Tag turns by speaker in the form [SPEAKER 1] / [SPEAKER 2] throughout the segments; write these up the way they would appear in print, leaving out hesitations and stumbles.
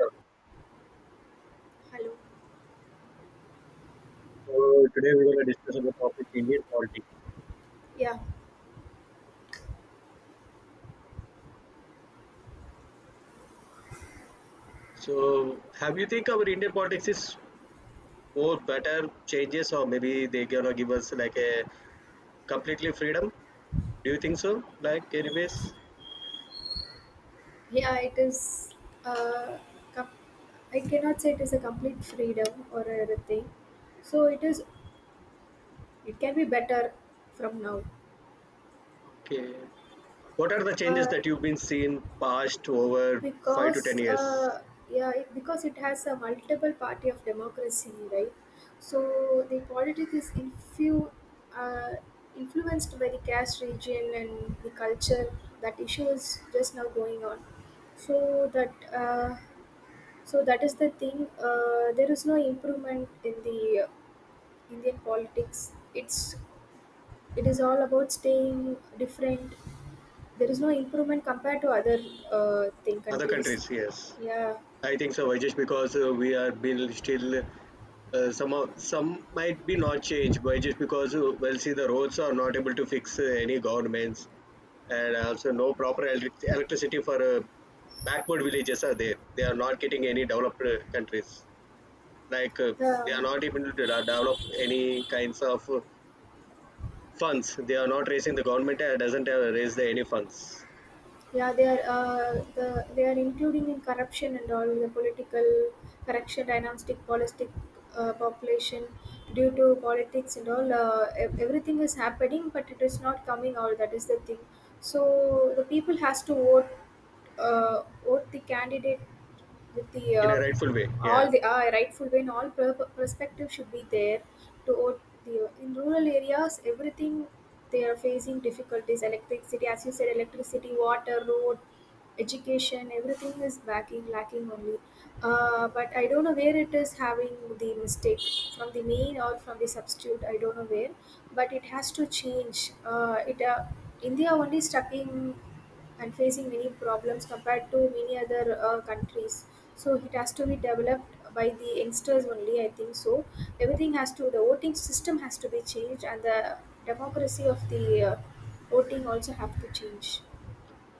[SPEAKER 1] Uh,
[SPEAKER 2] Hello.
[SPEAKER 1] So today we're going to discuss about topic Indian politics.
[SPEAKER 2] Yeah.
[SPEAKER 1] So have you think our Indian politics is more better changes, or maybe they gonna give us like a completely freedom? Do you think so? Like anyways,
[SPEAKER 2] Yeah, it is uh com- I cannot say it is a complete freedom or everything. So it is it can be better from now.
[SPEAKER 1] okay. What are the changes
[SPEAKER 2] Uh
[SPEAKER 1] that you've been seeing past over five to ten
[SPEAKER 2] because
[SPEAKER 1] years?
[SPEAKER 2] yeah, it, because it has a multiple party of democracy, right? So the politics is infu. Uh, influenced by the caste region and the culture. That issue is just now going on so that So that is the thing. There is no improvement in the Indian politics. It is all about staying different. There is no improvement compared to other thing
[SPEAKER 1] Other
[SPEAKER 2] countries.
[SPEAKER 1] countries, yes.
[SPEAKER 2] Yeah,
[SPEAKER 1] I think so, just because we are been still, some of, some might be not changed, but just because well, see the roads are not able to fix any governments, and also no proper electricity for backward villages are there. They are not getting any developed countries. Like they
[SPEAKER 2] the
[SPEAKER 1] are not able to develop any kinds of funds. They are not raising. The government doesn't have raise the any funds
[SPEAKER 2] yeah, they are they are including in corruption and all the political correction, dynastic politic, population due to politics and all. Everything is happening, but it is not coming out. That is the thing, so the people has to vote what the candidate with the
[SPEAKER 1] in a rightful way. Yeah.
[SPEAKER 2] all the rightful way and all perspective should be there to vote the in rural areas. Everything they are facing difficulties, electricity as you said, electricity, water, road, education, everything is lacking only. But I don't know where it is having the mistake, from the main or from the substitute, I don't know where, but it has to change. It India only stuck in and facing many problems compared to many other countries. So it has to be developed by the youngsters only. I think so. Everything has to the voting system has to be changed, and the democracy of the uh, voting also have to change.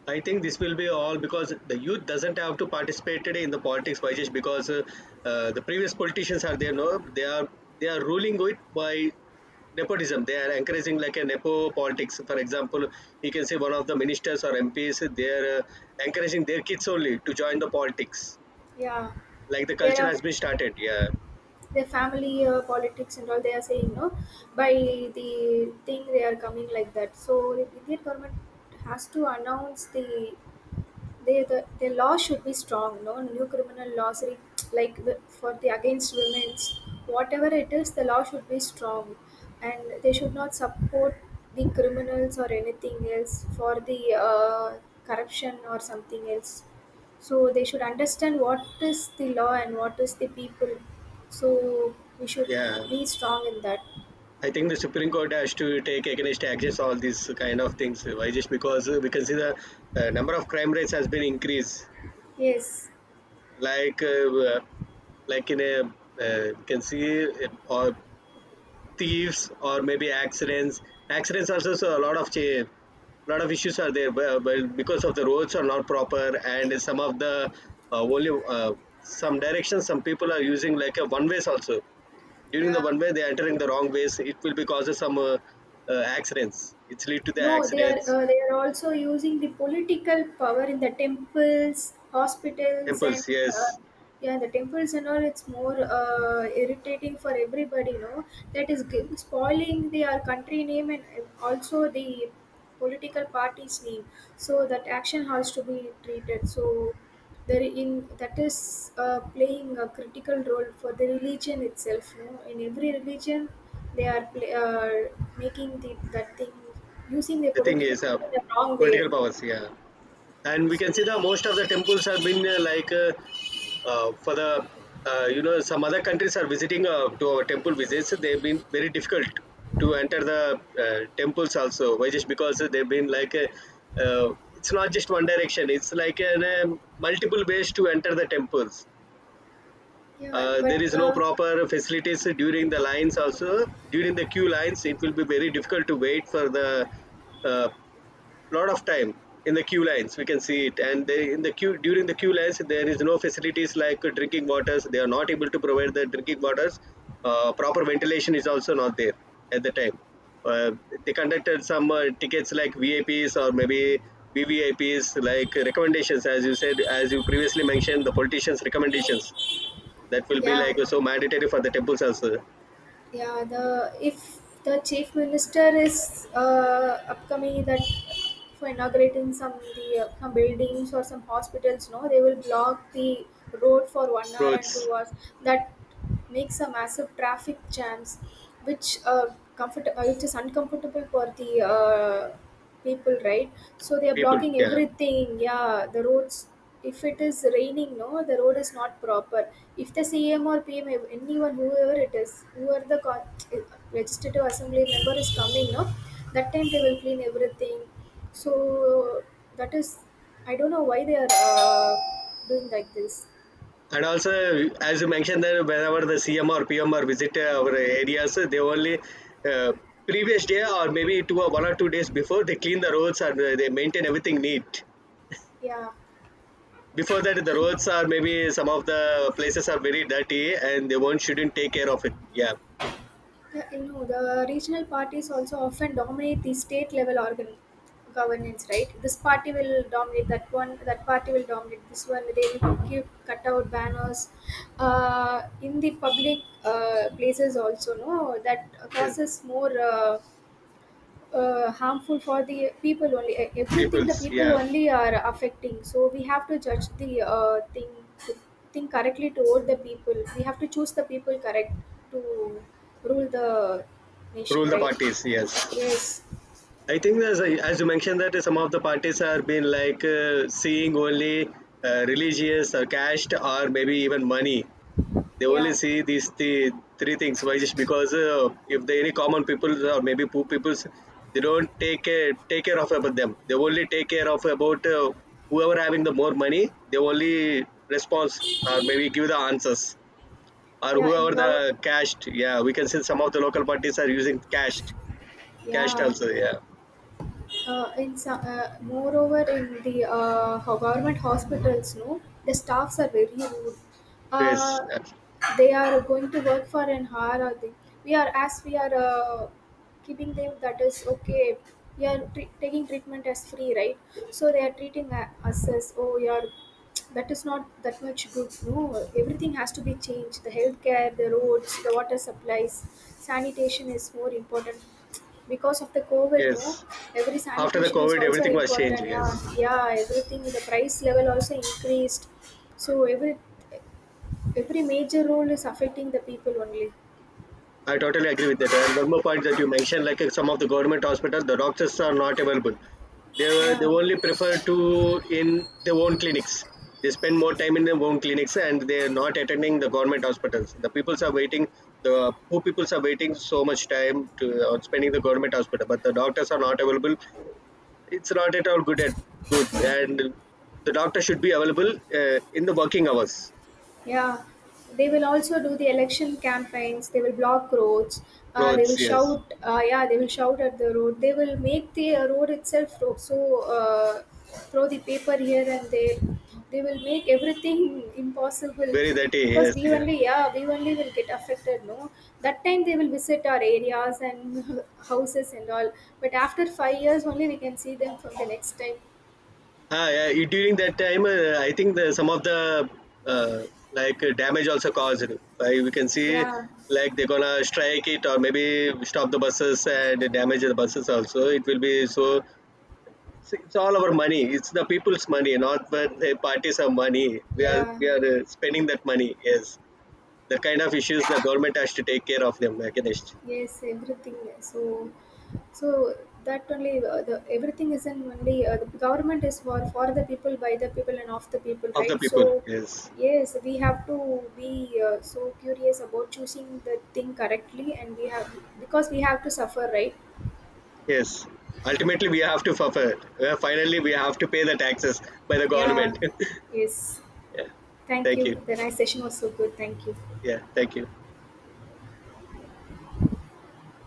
[SPEAKER 1] I think this will be all because the youth doesn't have to participate today in the politics, by just because the previous politicians are there. No, they are ruling it by nepotism. They are encouraging like a nepo politics. For example, you can say one of the ministers or MPs they are encouraging their kids only to join the politics.
[SPEAKER 2] Yeah,
[SPEAKER 1] Like the
[SPEAKER 2] there
[SPEAKER 1] culture
[SPEAKER 2] are
[SPEAKER 1] has been started. Yeah,
[SPEAKER 2] their family politics and all. They are saying no by the thing they are coming like that. So the Indian government has to announce the law should be strong. No new criminal laws, like for the against women's, whatever it is, the law should be strong, and they should not support the criminals or anything else for the corruption or something else. So they should understand what is the law and what is the people. So we should
[SPEAKER 1] yeah.
[SPEAKER 2] be strong in that.
[SPEAKER 1] I think the Supreme Court has to take against actions all these kind of things. Why? Just because we can see the number of crime rates has been increased,
[SPEAKER 2] Yes.
[SPEAKER 1] like uh, like in a you can see it, or thieves, or maybe accidents are also a lot of change, lot of issues are there, but because of the roads are not proper, and some of the only some directions, some people are using like a one ways also. During the
[SPEAKER 2] Yeah.
[SPEAKER 1] one way they are entering the wrong ways, it will be causes some accidents. It's lead to the
[SPEAKER 2] No,
[SPEAKER 1] accidents.
[SPEAKER 2] they are also using the political power in the temples, hospitals, and
[SPEAKER 1] Impulse, yes.
[SPEAKER 2] uh, yeah, the temples and all. It's more irritating for everybody, no? That is spoiling the our country name and also the political party's name. So that action has to be treated. So there in that is playing a critical role for the religion itself. No, in every religion, they are making the that thing using their
[SPEAKER 1] The thing
[SPEAKER 2] political
[SPEAKER 1] is,
[SPEAKER 2] power in the wrong
[SPEAKER 1] political
[SPEAKER 2] way.
[SPEAKER 1] powers, yeah. And we
[SPEAKER 2] So
[SPEAKER 1] can see that most of the temples have been like for the some other countries are visiting to our temple visits. They've been very difficult to enter the temples also. Why? Just because they've been like it's not just one direction. It's like an, multiple ways to enter the temples.
[SPEAKER 2] yeah, but
[SPEAKER 1] There is no
[SPEAKER 2] uh,
[SPEAKER 1] proper facilities during the lines also. During the queue lines it will be very difficult to wait for the uh, lot of time in the queue lines, we can see it. And they, in the queue, during the queue lines, there is no facilities like drinking waters. They are not able to provide the drinking waters. Proper ventilation is also not there at the time. uh, they conducted some tickets like vaps, or maybe vvips, like recommendations. As you said, as you previously mentioned, the politicians recommendations, that will be
[SPEAKER 2] yeah,
[SPEAKER 1] like so mandatory for the temples also.
[SPEAKER 2] yeah. The if the chief minister is upcoming that for inaugurating some the some buildings or some hospitals, no, they will block the road for 1 hour and
[SPEAKER 1] Roads,
[SPEAKER 2] 2 hours. That makes a massive traffic jams, which comfort which is uncomfortable for the people, right? So they are
[SPEAKER 1] people,
[SPEAKER 2] blocking
[SPEAKER 1] yeah.
[SPEAKER 2] everything, yeah, the roads. If it is raining no, the road is not proper. If the cm or pm anyone whoever it is, whoever the legislative assembly member is coming no, that time they will clean everything. So that is, I don't know why they are doing like this.
[SPEAKER 1] And also, as you mentioned, that whenever the CM or PM or visit our areas, they only uh, previous day or maybe 2 or 1 or 2 days before, they clean the roads and they maintain everything neat.
[SPEAKER 2] Yeah.
[SPEAKER 1] Before that, the roads are maybe some of the places are very dirty, and they won't shouldn't take care of it. Yeah.
[SPEAKER 2] Yeah, you know, the regional parties also often dominate the state level organ governance, right? This party will dominate that one, that party will dominate this one. They will give cut out banners in the public places also, no? That
[SPEAKER 1] Yes.
[SPEAKER 2] causes more. Harmful for the people only. Everything the
[SPEAKER 1] Peoples.
[SPEAKER 2] people
[SPEAKER 1] Yeah,
[SPEAKER 2] only are affecting, so we have to judge the uh, thing correctly. Toward the people, we have to choose the people correct to rule the nation,
[SPEAKER 1] rule the
[SPEAKER 2] right?
[SPEAKER 1] parties. Yes,
[SPEAKER 2] Yes.
[SPEAKER 1] I think as you mentioned that some of the parties are been like seeing only religious or caste or maybe even money. They only
[SPEAKER 2] yeah
[SPEAKER 1] see these, the three things. Why? Just because if they any common people or maybe poor peoples, they don't take care of about them. They only take care of about whoever having the more money. They only response, or maybe give the answers, or
[SPEAKER 2] yeah in
[SPEAKER 1] whoever the
[SPEAKER 2] gov-
[SPEAKER 1] cashed. Yeah, we can see some of the local parties are using cashed
[SPEAKER 2] yeah
[SPEAKER 1] also. Yeah.
[SPEAKER 2] In some, moreover in the uh, government hospitals no, the staffs are very rude. uh,
[SPEAKER 1] Yes.
[SPEAKER 2] they are going to work for an hour or they, we are as we are keeping them, that is okay. We are taking treatment as free, right? So they are treating us as oh you are, that is not that much good no. Everything has to be changed, the healthcare, the roads, the water supplies. Sanitation is more important because of the COVID, no,
[SPEAKER 1] Yes.
[SPEAKER 2] every
[SPEAKER 1] After the
[SPEAKER 2] sanitation is
[SPEAKER 1] COVID,
[SPEAKER 2] also
[SPEAKER 1] everything was changed.
[SPEAKER 2] important. Yeah,
[SPEAKER 1] Yes.
[SPEAKER 2] yeah, everything. The price level also increased. So every major role is affecting the people only.
[SPEAKER 1] I totally agree with that. And one more point that you mentioned, like some of the government hospitals, the doctors are not available. They
[SPEAKER 2] Yeah.
[SPEAKER 1] only prefer to in their own clinics. They spend more time in their own clinics, and they are not attending the government hospitals. The peoples are waiting. The poor peoples are waiting so much time to spending the government hospital, but the doctors are not available. It's not at all good. At good, and the doctor should be available in the working hours.
[SPEAKER 2] Yeah, they will also do the election campaigns. They will block roads. They
[SPEAKER 1] Roads,
[SPEAKER 2] will
[SPEAKER 1] yes,
[SPEAKER 2] shout. Yeah, they will shout at the road. They will make the road itself ro- so throw the paper here and there. They will make everything impossible
[SPEAKER 1] very dirty,
[SPEAKER 2] because
[SPEAKER 1] yes,
[SPEAKER 2] we
[SPEAKER 1] yeah.
[SPEAKER 2] only, yeah, we only will get affected. No, that time they will visit our areas and houses and all. But after 5 years only we can see them from the next time.
[SPEAKER 1] Ah, yeah, during that time, I think the, some of the uh, like damage also caused. Like we can see,
[SPEAKER 2] Yeah,
[SPEAKER 1] like they're gonna strike it or maybe stop the buses and damage the buses also. It will be so. It's all our money. It's the people's money, not what the parties have money. We are
[SPEAKER 2] yeah.
[SPEAKER 1] we are spending that money. Yes, the kind of issues the government has to take care of them against
[SPEAKER 2] Yes, everything. So, so that only the everything is in only the government is for the people, by the people, and of the people,
[SPEAKER 1] of the
[SPEAKER 2] right? So,
[SPEAKER 1] people. Yes,
[SPEAKER 2] yes, we have to be so curious about choosing the thing correctly, and we have because we have to suffer, right?
[SPEAKER 1] yes. Ultimately, we have to suffer. Finally, we have to pay the taxes by the
[SPEAKER 2] Yeah.
[SPEAKER 1] government.
[SPEAKER 2] Yes.
[SPEAKER 1] Yeah.
[SPEAKER 2] Thank
[SPEAKER 1] Thank
[SPEAKER 2] you.
[SPEAKER 1] you.
[SPEAKER 2] The nice session was so good. Thank you.
[SPEAKER 1] Yeah. Thank you.